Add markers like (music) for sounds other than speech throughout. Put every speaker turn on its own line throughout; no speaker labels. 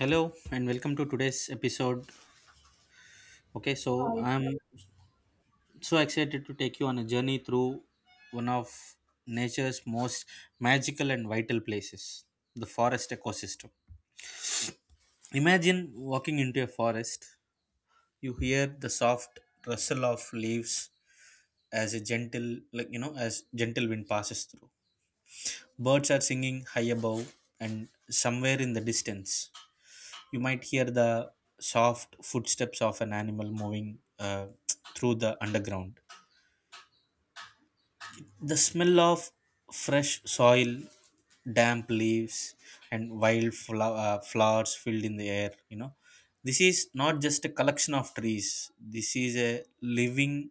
Hello and welcome to today's episode. Okay, so
Hi.
I'm so excited to take you on a journey through one of nature's most magical and vital places, the forest ecosystem. Imagine walking into a forest, you hear the soft rustle of leaves as a gentle as gentle wind passes through. Birds are singing high above, and somewhere in the distance you might hear the soft footsteps of an animal moving through the underground. The smell of fresh soil, damp leaves, and flowers filled in the air. This is not just a collection of trees, this is a living,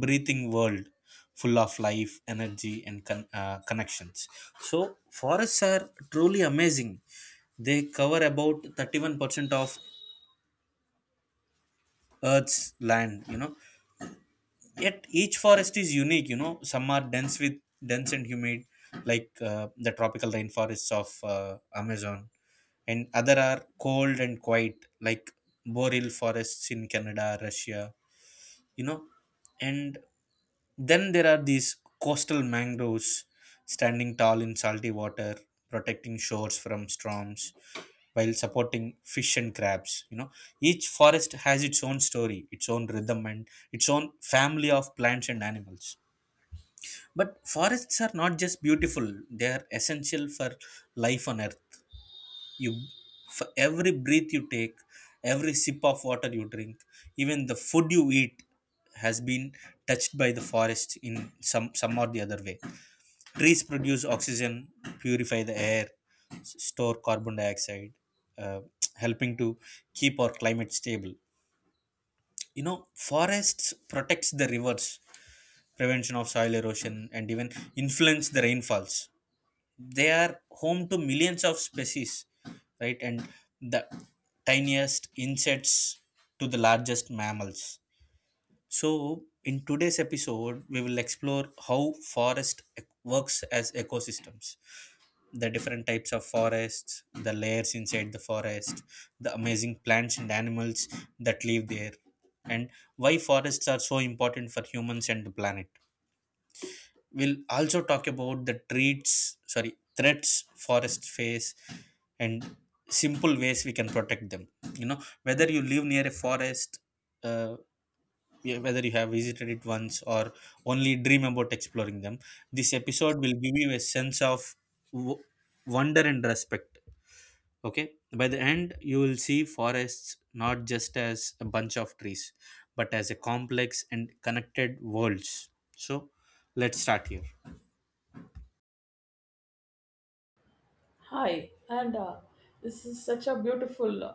breathing world full of life, energy, and connections. So, forests are truly amazing. They cover about 31% of earth's land. Yet each forest is unique. Some are dense with dense and humid, like the tropical rainforests of Amazon, and other are cold and quiet, like boreal forests in Canada, Russia you know and then there are these coastal mangroves standing tall in salty water, protecting shores from storms while supporting fish and crabs. Each forest has its own story, its own rhythm, and its own family of plants and animals. But forests are not just beautiful, they are essential for life on earth. You For every breath you take, every sip of water you drink, even the food you eat, has been touched by the forest in some or the other way. Trees produce oxygen, purify the air, store carbon dioxide, uh, helping to keep our climate stable you know Forests protects the rivers, prevention of soil erosion, and even influence the rainfalls. They are home to millions of species, right? And the tiniest insects to the largest mammals. So in today's episode we will explore how works as ecosystems, the different types of forests, the layers inside the forest, the amazing plants and animals that live there, and why forests are so important for humans and the planet. We'll also talk about the treats sorry threats forest face, and simple ways we can protect them. You know, whether you live near a forest, uh, yeah, whether you have visited it once or only dream about exploring them, this episode will give you a sense of w- wonder and respect. Okay, by the end you will see forests not just as a bunch of trees, but as a complex and connected worlds. So let's start here.
Hi, and this is such a beautiful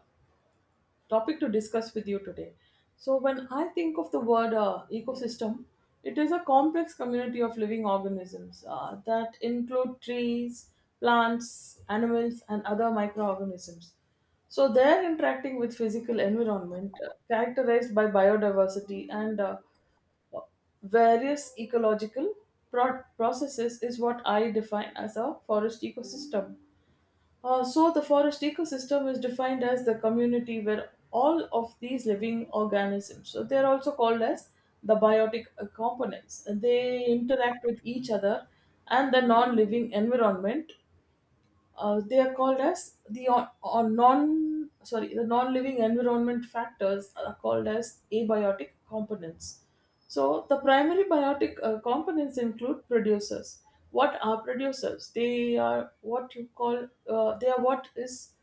topic to discuss with you today. So, when I think of the word ecosystem, it is a complex community of living organisms that include trees, plants, animals, and other microorganisms. So, they're interacting with physical environment characterized by biodiversity and various ecological processes, is what I define as a forest ecosystem. So, the forest ecosystem is defined as the community where all of these living organisms, so they are also called as the biotic components, they interact with each other and the non living environment, they are called as the on non sorry the non-living environment factors are called as abiotic components. So the primary biotic components include producers. What are producers? They are what you call, they are what is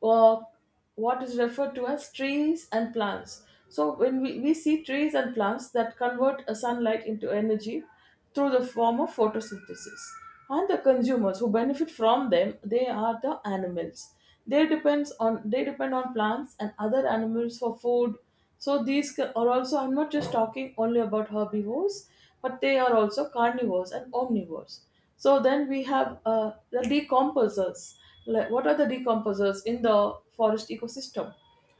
or what is referred to as trees and plants. So when we see trees and plants that convert a sunlight into energy through the form of photosynthesis. And the consumers who benefit from them, they are the animals. They depend on plants and other animals for food, so these are also, I'm not just talking only about herbivores, but they are also carnivores and omnivores. So then we have the decomposers. Like, what are the decomposers in the forest ecosystem?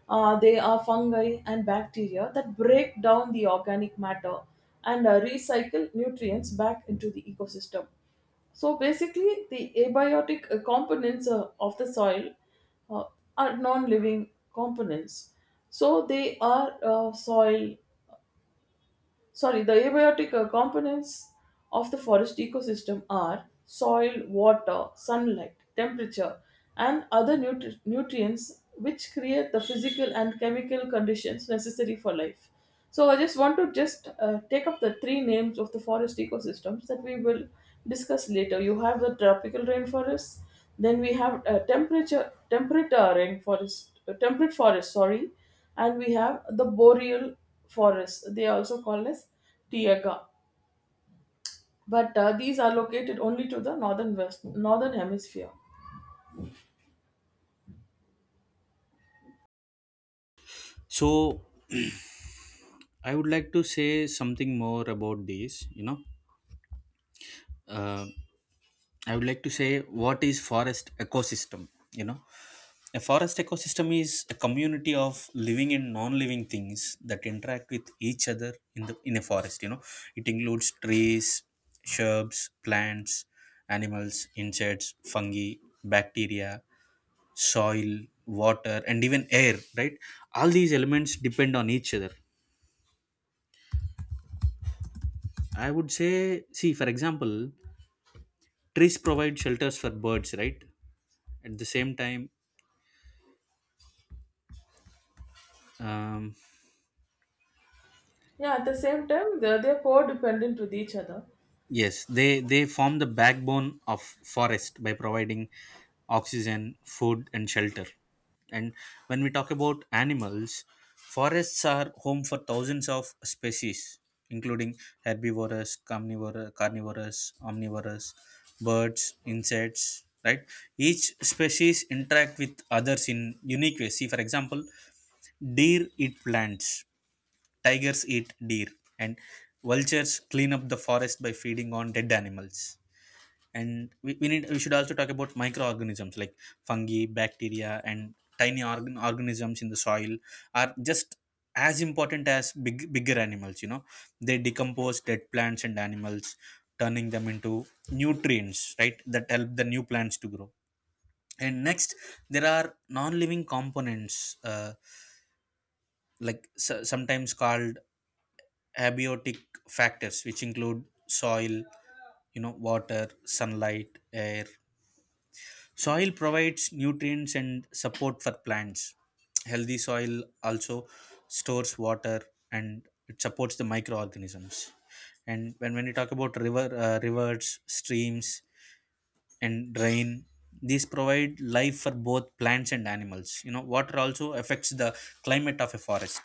They are fungi and bacteria that break down the organic matter and recycle nutrients back into the ecosystem. So basically, the abiotic components of the soil uh, are non living components. So they are the abiotic components of the forest ecosystem are soil, water, sunlight, temperature, and other nutrients which create the physical and chemical conditions necessary for life. So I just want to just take up the three names of the forest ecosystems that we will discuss later. You have the tropical rainforest, then we have temperature temperate temperate forest, sorry, and we have the boreal forests. They are also called as taiga, but these are located only to the northern hemisphere.
So, (clears throat) I would like to say something more about this. Uh, I would like to say what is forest ecosystem. You know, a forest ecosystem is a community of living and non-living things that interact with each other in the in a forest. You know, it includes trees, shrubs, plants, animals, insects, fungi, bacteria, soil, water, and even air. Right? All these elements depend on each other. I would say, see, for example, trees provide shelters for birds, right? At the same time, um,
Yeah, at the same time, they're codependent with each other.
yes, they form the backbone of forest by providing oxygen, food, and shelter. And when we talk about animals, forests are home for thousands of species, including herbivorous, carnivorous, omnivorous, birds, insects, right? Each species interact with others in unique ways. See, for example, deer eat plants, tigers eat deer, and vultures clean up the forest by feeding on dead animals. And we need we should also talk about microorganisms like fungi, bacteria, and tiny organisms in the soil are just as important as bigger animals. You know, they decompose dead plants and animals, turning them into nutrients, right? That help the new plants to grow. And next, there are non-living components. Like so, sometimes called abiotic factors, which include soil, you know, water, sunlight, air. Soil provides nutrients and support for plants. Healthy soil also stores water and it supports the microorganisms. And when you talk about rivers, streams, and drain, these provide life for both plants and animals. You know, water also affects the climate of a forest.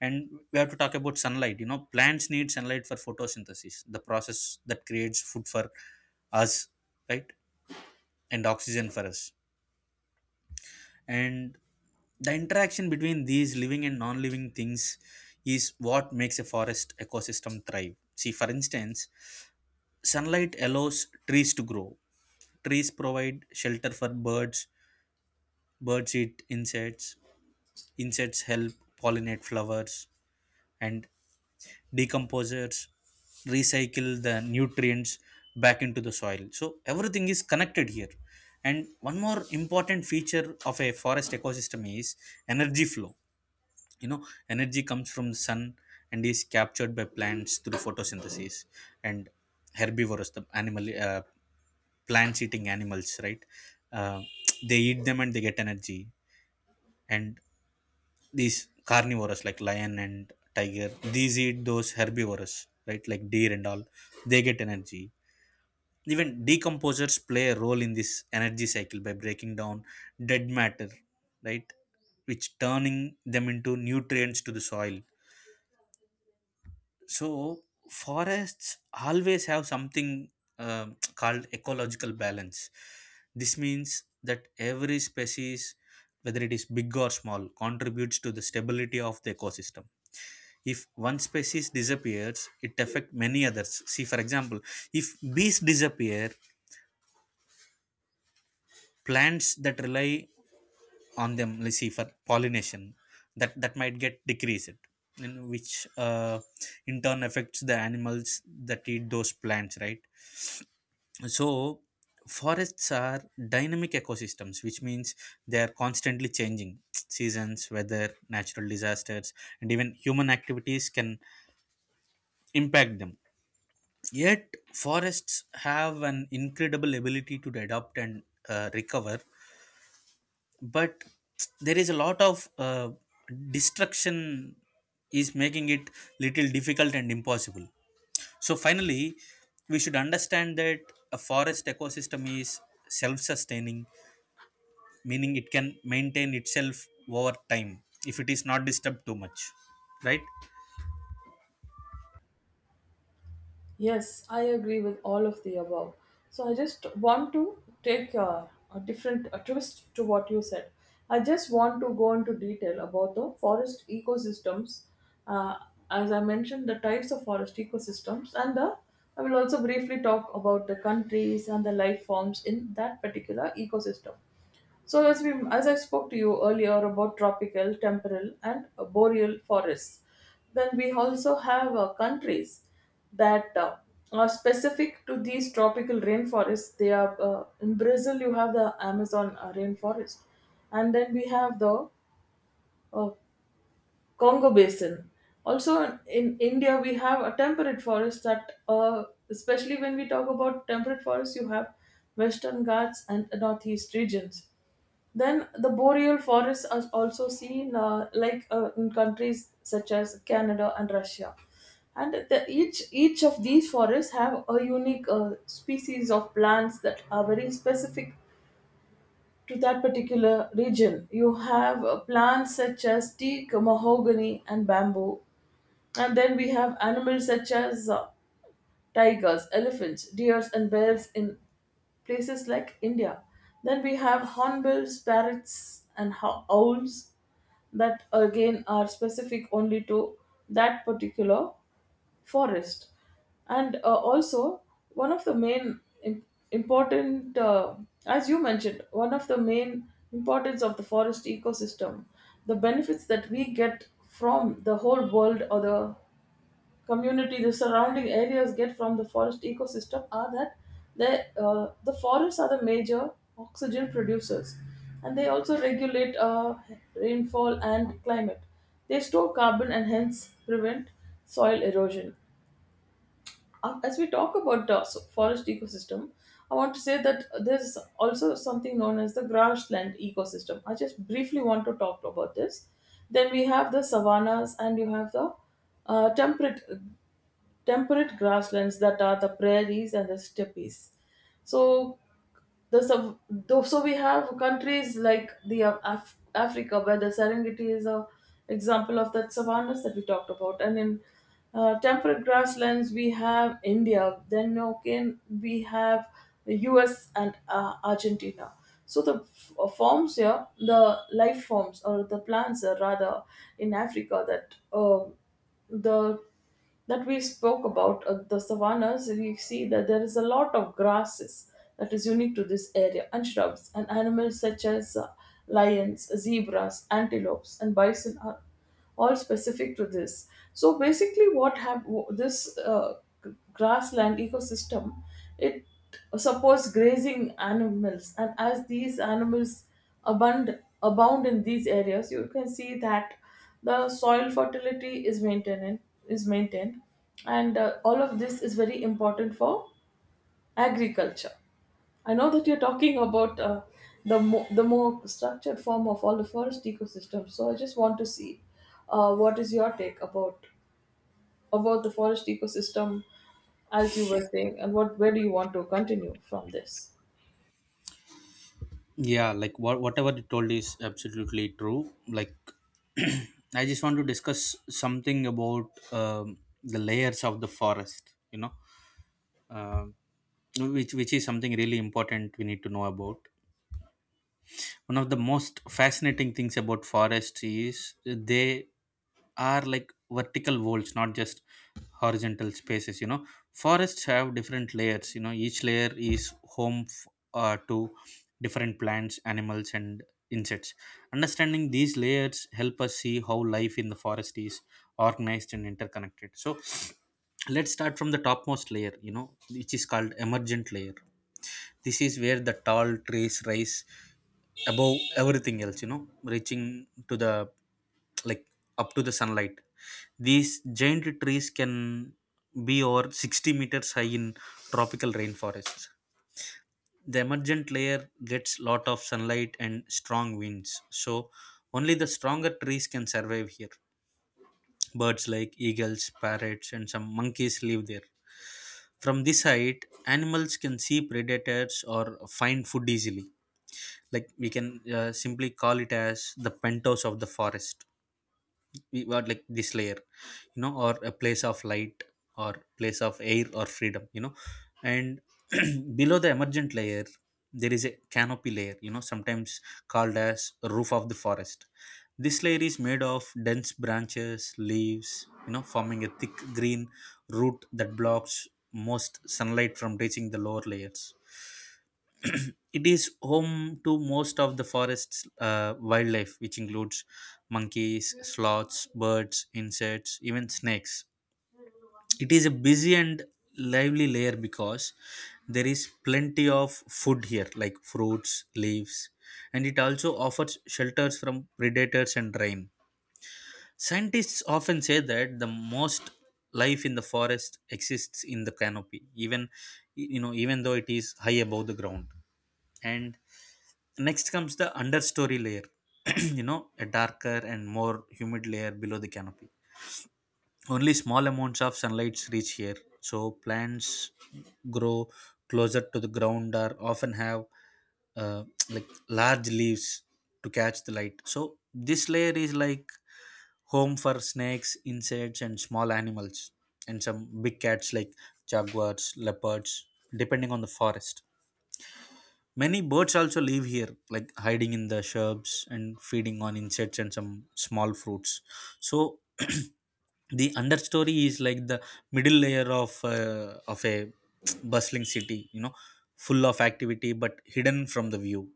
And we have to talk about sunlight. You know, plants need sunlight for photosynthesis, the process that creates food for us, right? And oxygen for us. And the interaction between these living and non-living things is what makes a forest ecosystem thrive. See, for instance, sunlight allows trees to grow, trees provide shelter for birds, birds eat insects, insects help pollinate flowers, and decomposers recycle the nutrients back into the soil. So everything is connected here. And one more important feature of a forest ecosystem is energy flow. You know, energy comes from the sun and is captured by plants through photosynthesis, and herbivores, the animal plants eating animals, right? Uh, they eat them and they get energy, and these carnivores like lion and tiger, these eat those herbivores, right? Like deer and all, they get energy. Even decomposers play a role in this energy cycle by breaking down dead matter, right? Which turning them into nutrients to the soil. So forests always have something um called ecological balance. This means that every species, whether it is big or small, contributes to the stability of the ecosystem. If one species disappears, it affects many others. See, for example, if bees disappear, plants that rely on them, let's see, for pollination, that might get decreased, and which uh, in turn affects the animals that eat those plants, right? So forests are dynamic ecosystems, which means they are constantly changing. Seasons, weather, natural disasters, and even human activities can impact them. Yet, forests have an incredible ability to adapt and recover, but there is a lot of destruction is making it little difficult and impossible. So finally, we should understand that a forest ecosystem is self-sustaining, meaning it can maintain itself over time if it is not disturbed too much, right?
Yes, I agree with all of the above. So I just want to take a different a twist to what you said. I just want to go into detail about the forest ecosystems. Uh, as I mentioned, the types of forest ecosystems, and the I will also briefly talk about the countries and the life forms in that particular ecosystem. So as I spoke to you earlier about tropical, temporal, and boreal forests, then we also have countries that are specific to these tropical rainforests. They are in Brazil. You have the Amazon rainforest, and then we have the uh, Congo Basin. Also, in India, we have a temperate forest that, especially when we talk about temperate forests, you have Western Ghats and Northeast regions. Then the boreal forests are also seen, in countries such as Canada and Russia. And the, each of these forests have a unique species of plants that are very specific to that particular region. You have plants such as teak, mahogany, and bamboo. And then we have animals such as tigers, elephants, deers, and bears in places like India. Then we have hornbills, parrots, and owls that again are specific only to that particular forest. And also, one of the main important, as you mentioned, one of the main importance of the forest ecosystem, the benefits that we get from the whole world or the community, the surrounding areas get from the forest ecosystem, are that the the forests are the major oxygen producers, and they also regulate rainfall and climate. They store carbon and hence prevent soil erosion. As we talk about the forest ecosystem, I want to say that there's also something known as the grassland ecosystem. I just briefly want to talk about this. Then we have the savannas, and you have the uh, temperate temperate grasslands that are the prairies and the steppes. So so we have countries like the Africa, where the Serengeti is a example of that savannas that we talked about, and in temperate grasslands we have India. Then okay, we have the U.S. and Argentina. So the life forms or the plants rather, in Africa, the that we spoke about, the savannas, we see that there is a lot of grasses that is unique to this area, and shrubs, and animals such as lions, zebras, antelopes, and bison are all specific to this. So basically, this grassland ecosystem, it supports grazing animals. And as these animals abound in these areas, you can see that the soil fertility is maintained, and all of this is very important for agriculture. I know that you're talking about the more structured form of all the forest ecosystem. So I just want to see what is your take about the forest ecosystem as you were saying, and what where do you want to continue from this?
Yeah, like what whatever you told is absolutely true. Like (clears throat) I just want to discuss something about the layers of the forest. You know, Um which is something really important we need to know about. One of the most fascinating things about forests is they are like vertical walls, not just horizontal spaces. You know, forests have different layers. You know, each layer is home to different plants, animals, and insects. Understanding these layers help us see how life in the forest is organized and interconnected. So (sniffs) let's start from the topmost layer, you know, which is called emergent layer. This is where the tall trees rise above everything else, you know, reaching to the like up to the sunlight. These giant trees can be over 60 meters high in tropical rainforests. The emergent layer gets lot of sunlight and strong winds, so only the stronger trees can survive here. Birds like eagles, parrots, and some monkeys live there. From this height, animals can see predators or find food easily. Like, we can simply call it as the penthouse of the forest. We were like this layer, you know, or a place of light, or place of air, or freedom, you know. And (clears throat) below the emergent layer, there is a canopy layer, you know, sometimes called as roof of the forest. This layer is made of dense branches, leaves, you know, forming a thick green root that blocks most sunlight from reaching the lower layers. It is home to most of the forest's wildlife, which includes monkeys, sloths, birds, insects, even snakes. It is a busy and lively layer because there is plenty of food here, like fruits, leaves, and it also offers shelters from predators and rain. Scientists often say that the most life in the forest exists in the canopy, even you know, even though it is high above the ground. And next comes the understory layer, (clears throat) you know, a darker and more humid layer below the canopy. Only small amounts of sunlight reach here, so plants grow closer to the ground or often have uh, like large leaves to catch the light. So this layer is like home for snakes, insects, and small animals, and some big cats like jaguars, leopards, depending on the forest. Many birds also live here, like hiding in the shrubs and feeding on insects and some small fruits. So (clears throat) the understory is like the middle layer of of a (tsk) bustling city, you know, full of activity but hidden from the view.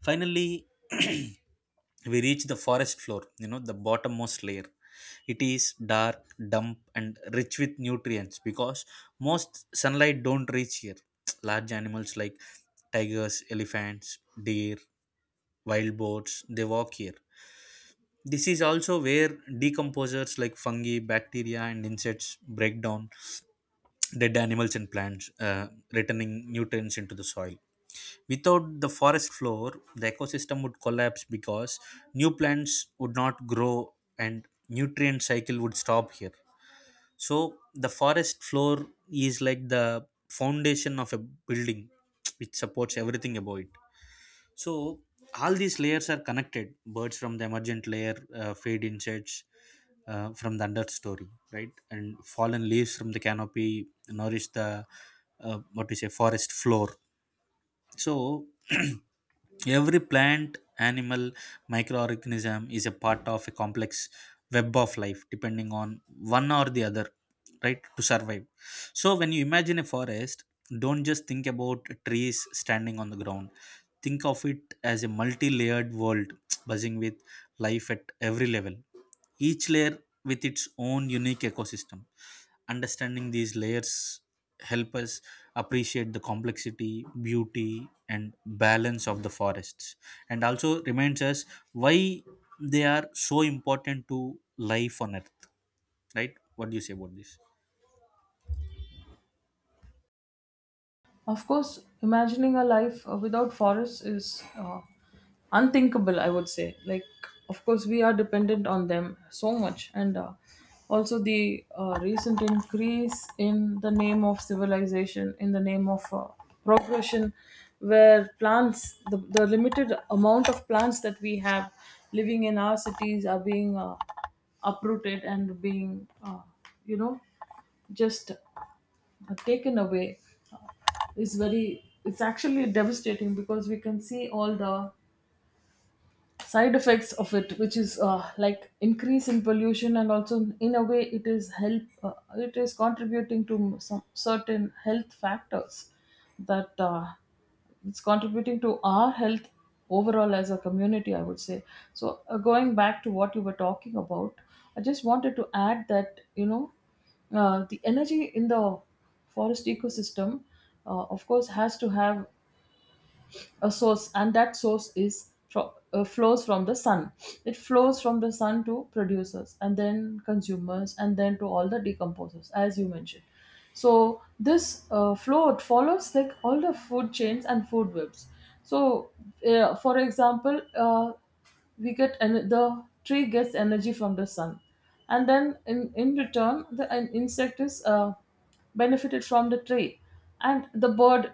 Finally, (clears throat) we reach the forest floor, you know, the bottommost layer. It is dark, damp, and rich with nutrients because most sunlight don't reach here. (tsk) Large animals like tigers, elephants, deer, wild boars, they walk here. This is also where decomposers like fungi, bacteria, and insects break down dead animals and plants, returning nutrients into the soil. Without the forest floor, the ecosystem would collapse because new plants would not grow and nutrient cycle would stop here. So the forest floor is like the foundation of a building which supports everything above it. So all these layers are connected. Birds from the emergent layer feed insects from the understory, right? And fallen leaves from the canopy nourish the what we say forest floor. So (clears throat) every plant animal microorganism is a part of a complex web of life depending on one or the other, right, to survive. So when you imagine a forest, don't just think about trees standing on the ground. Think of it as a multi-layered world (tsk) buzzing with life at every level, each layer with its own unique ecosystem. Understanding these layers help us appreciate the complexity, beauty, and balance of the forests, and also reminds us why they are so important to life on Earth. Right? What do you say about this?
Of course, imagining a life without forests is uh, unthinkable, I would say. Like, of course, we are dependent on them so much. And also, the recent increase in the name of civilization, in the name of progression, where plants, the limited amount of plants that we have living in our cities are being uprooted and being, uh, you know, just taken away, is very it's actually devastating, because we can see all the side effects of it, which is like increase in pollution, and also in a way it is help it is contributing to some certain health factors that it's contributing to our health overall as a community, I would say. So going back to what you were talking about, I just wanted to add that, you know, the energy in the forest ecosystem of course has to have a source, and that source is flows from the sun. It flows from the sun to producers and then consumers and then to all the decomposers, as you mentioned. So this flow, it follows like all the food chains and food webs. So for example we the tree gets energy from the sun, and then in return the an insect is benefited from the tree, and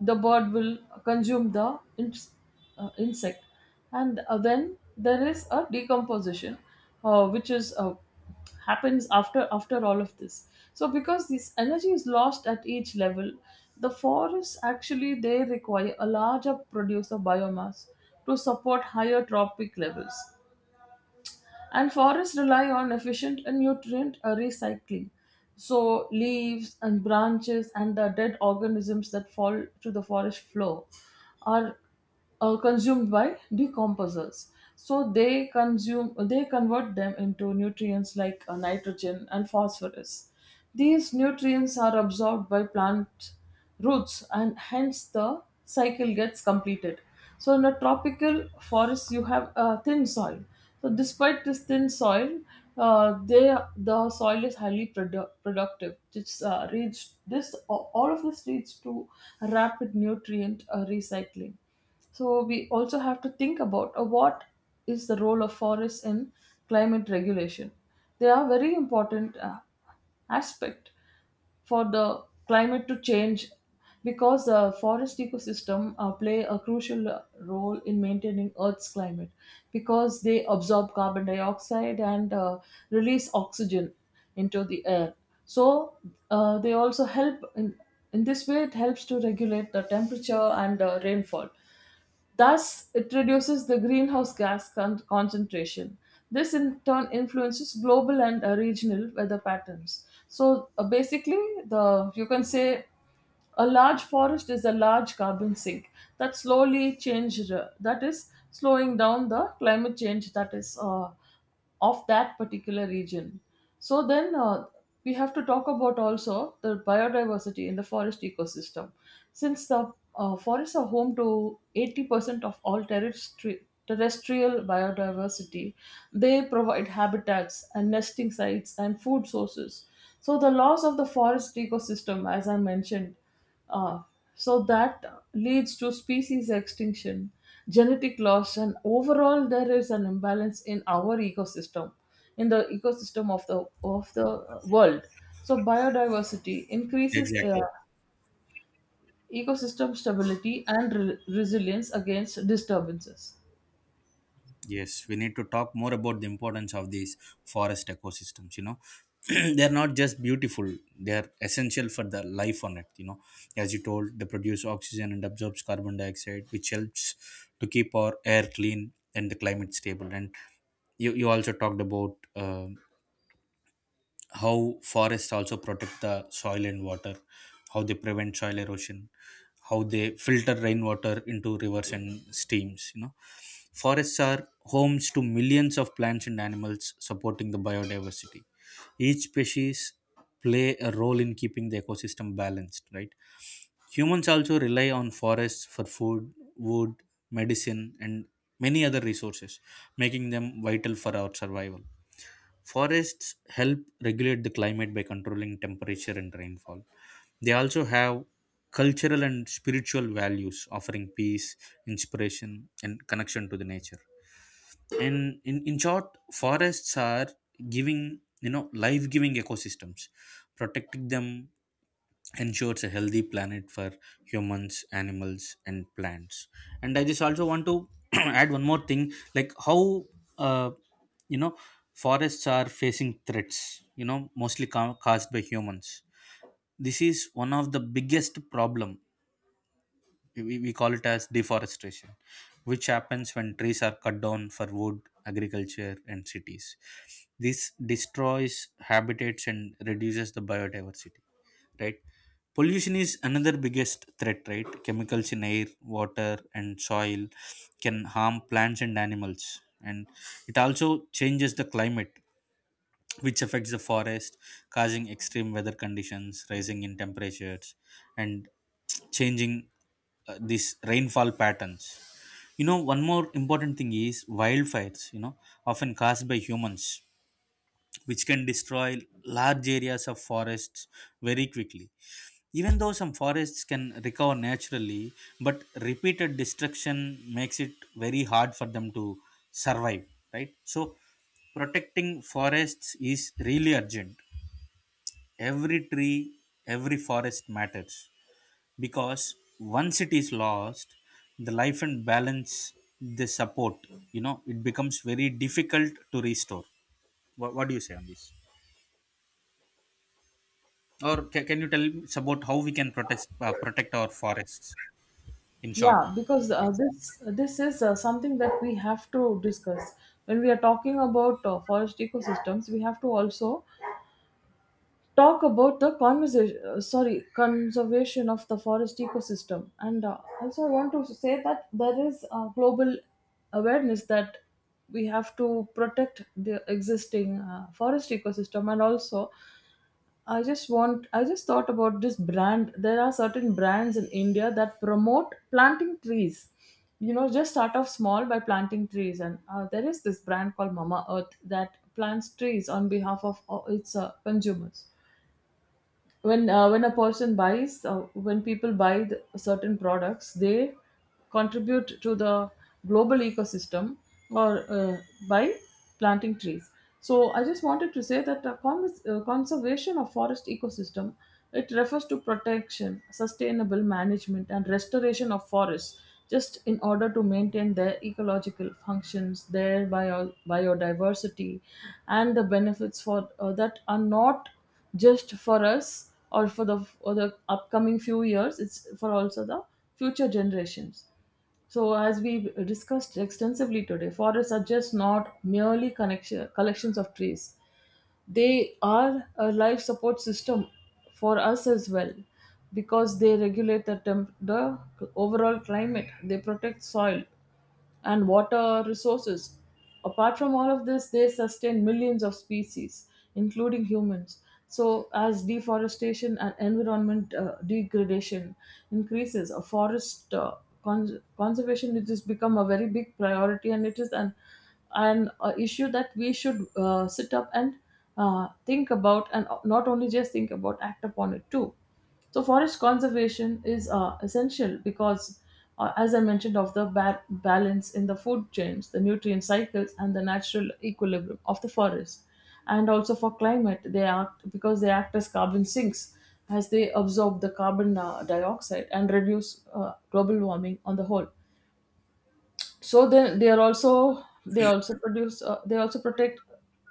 the bird will consume the ins- insect. And then there is a decomposition, which is happens after all of this. So because this energy is lost at each level, the forests actually they require a larger produce of biomass to support higher tropic levels, and forests rely on efficient and nutrient recycling. So, leaves and branches and the dead organisms that fall to the forest floor are consumed by decomposers. So they convert them into nutrients like nitrogen and phosphorus. These nutrients are absorbed by plants roots, and hence the cycle gets completed. So in a tropical forest you have a thin soil, so despite this thin soil, the soil is highly productive. It's reached this all of this leads to rapid nutrient recycling. So we also have to think about what is the role of forests in climate regulation. They are very important aspect for the climate to change, because forest ecosystem play a crucial role in maintaining earth's climate, because they absorb carbon dioxide and release oxygen into the air. So they also help in this way, it helps to regulate the temperature and rainfall. Thus, it reduces the greenhouse gas concentration. This in turn influences global and regional weather patterns. So basically, the you can say a large forest is a large carbon sink that slowly change that is slowing down the climate change that is of that particular region. So then we have to talk about also the biodiversity in the forest ecosystem. Since the forests are home to 80% of all terrestrial biodiversity, they provide habitats and nesting sites and food sources. So the loss of the forest ecosystem, as I mentioned, ah, so that leads to species extinction, genetic loss, and overall there is an imbalance in our ecosystem, in the ecosystem of the world. So biodiversity increases
Exactly.
ecosystem stability and resilience against disturbances.
Yes, we need to talk more about the importance of these forest ecosystems. You know, (clears throat) they're not just beautiful; they're essential for the life on Earth. You know, as you told, they produce oxygen and absorbs carbon dioxide, which helps to keep our air clean and the climate stable. And you also talked about how forests also protect the soil and water, how they prevent soil erosion, how they filter rainwater into rivers and streams. You know, forests are homes to millions of plants and animals supporting the biodiversity. Each species play a role in keeping the ecosystem balanced, right? Humans also rely on forests for food, wood, medicine, and many other resources, making them vital for our survival. Forests help regulate the climate by controlling temperature and rainfall. They also have cultural and spiritual values, offering peace, inspiration, and connection to the nature. And in short, forests are giving, you know, life giving ecosystems. Protecting them ensures a healthy planet for humans, animals, and plants. And I just also want to (clears throat) add one more thing, like how uh, you know, forests are facing threats, you know, mostly caused by humans. This is one of the biggest problem. We call it as deforestation, which happens when trees are cut down for wood, agriculture, and cities. This destroys habitats and reduces the biodiversity, right? Pollution is another biggest threat, right? Chemicals in air, water, and soil can harm plants and animals, and it also changes the climate, which affects the forest, causing extreme weather conditions, rising in temperatures, and changing these rainfall patterns. You know, one more important thing is wildfires, you know, often caused by humans, which can destroy large areas of forests very quickly. Even though some forests can recover naturally, but repeated destruction makes it very hard for them to survive, right? So, protecting forests is really urgent. Every tree, every forest matters, because once it is lost, the life and balance they support, you know, it becomes very difficult to restore. What do you say on this? Or can you tell us about how we can protect protect our forests in short?
Yeah, because this is something that we have to discuss when we are talking about forest ecosystems. We have to also talk about the conversation sorry conservation of the forest ecosystem, and also I want to say that there is a global awareness that we have to protect the existing forest ecosystem. And also, I just thought about this brand. There are certain brands in India that promote planting trees, you know, just start off small by planting trees. And there is this brand called Mama Earth that plants trees on behalf of its consumers. When a person buys when people buy the certain products, they contribute to the global ecosystem, or by planting trees. So I just wanted to say that conservation of forest ecosystem, it refers to protection, sustainable management, and restoration of forests, just in order to maintain their ecological functions, their biodiversity, and the benefits for that are not just for us or for the upcoming few years. It's for also the future generations. So as we discussed extensively today, forests are just not merely connection collections of trees. They are a life support system for us as well, because they regulate the overall climate. They protect soil and water resources. Apart from all of this, they sustain millions of species, including humans. So, as deforestation and environment degradation increases, a conservation, it has become a very big priority, and it is an issue that we should sit up and think about, and not only just think about, act upon it too. So forest conservation is essential because, as I mentioned, of the balance in the food chains, the nutrient cycles, and the natural equilibrium of the forest, and also for climate, they act because they act as carbon sinks as they absorb the carbon dioxide and reduce global warming on the whole. So then they also produce they also protect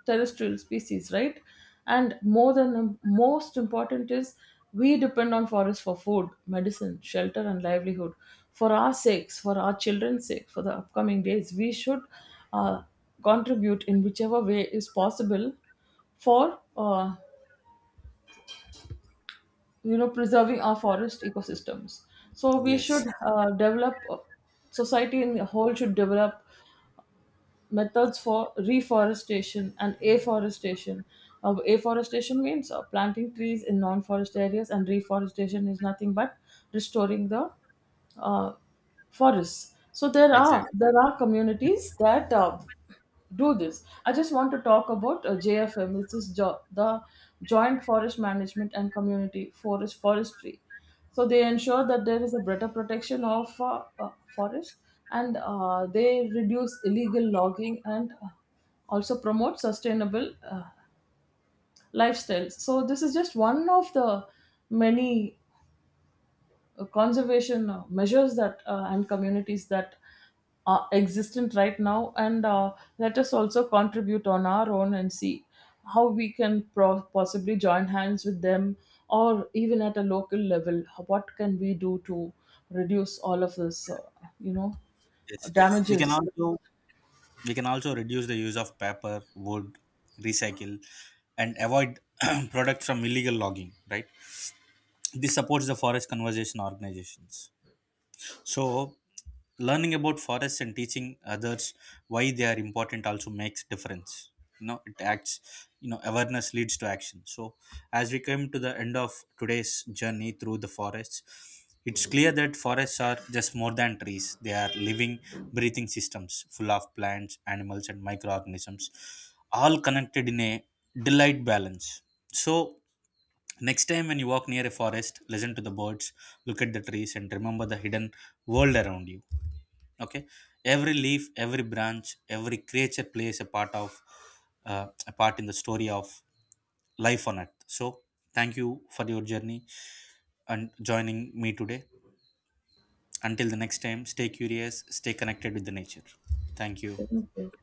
terrestrial species, right? And more than most important is we depend on forests for food, medicine, shelter, and livelihood. For our sakes, for our children's sake, for the upcoming days, we should uh, contribute in whichever way is possible for you know, preserving our forest ecosystems. So we
Yes,
should develop society in the whole should develop methods for reforestation and afforestation. Afforestation means planting trees in non-forest areas, and reforestation is nothing but restoring the uh, forests. So there are
exactly.
there are communities that do this. I just want to talk about JFM, which is the Joint Forest Management and Community Forestry. So they ensure that there is a better protection of forest, and they reduce illegal logging and also promote sustainable lifestyles. So this is just one of the many conservation measures that and communities that are existent right now. And let us also contribute on our own and see how we can possibly join hands with them, or even at a local level, what can we do to reduce all of this, you know
Yes, we can
damages.
also, we can also reduce the use of paper, wood, recycle, and avoid (clears throat) products from illegal logging. Right. This supports the forest conservation organizations. So, learning about forests and teaching others why they are important also makes difference. You know, it acts. You know, awareness leads to action. So, as we come to the end of today's journey through the forests, it's clear that forests are just more than trees. They are living, breathing systems full of plants, animals, and microorganisms, all connected in a delight balance. So. Next time, when you walk near a forest, listen to the birds, look at the trees, and remember the hidden world around you. Okay, every leaf, every branch, every creature plays a part in the story of life on earth. So, thank you for your journey and joining me today. Until the next time, stay curious, stay connected with the nature. Thank you.
Thank you.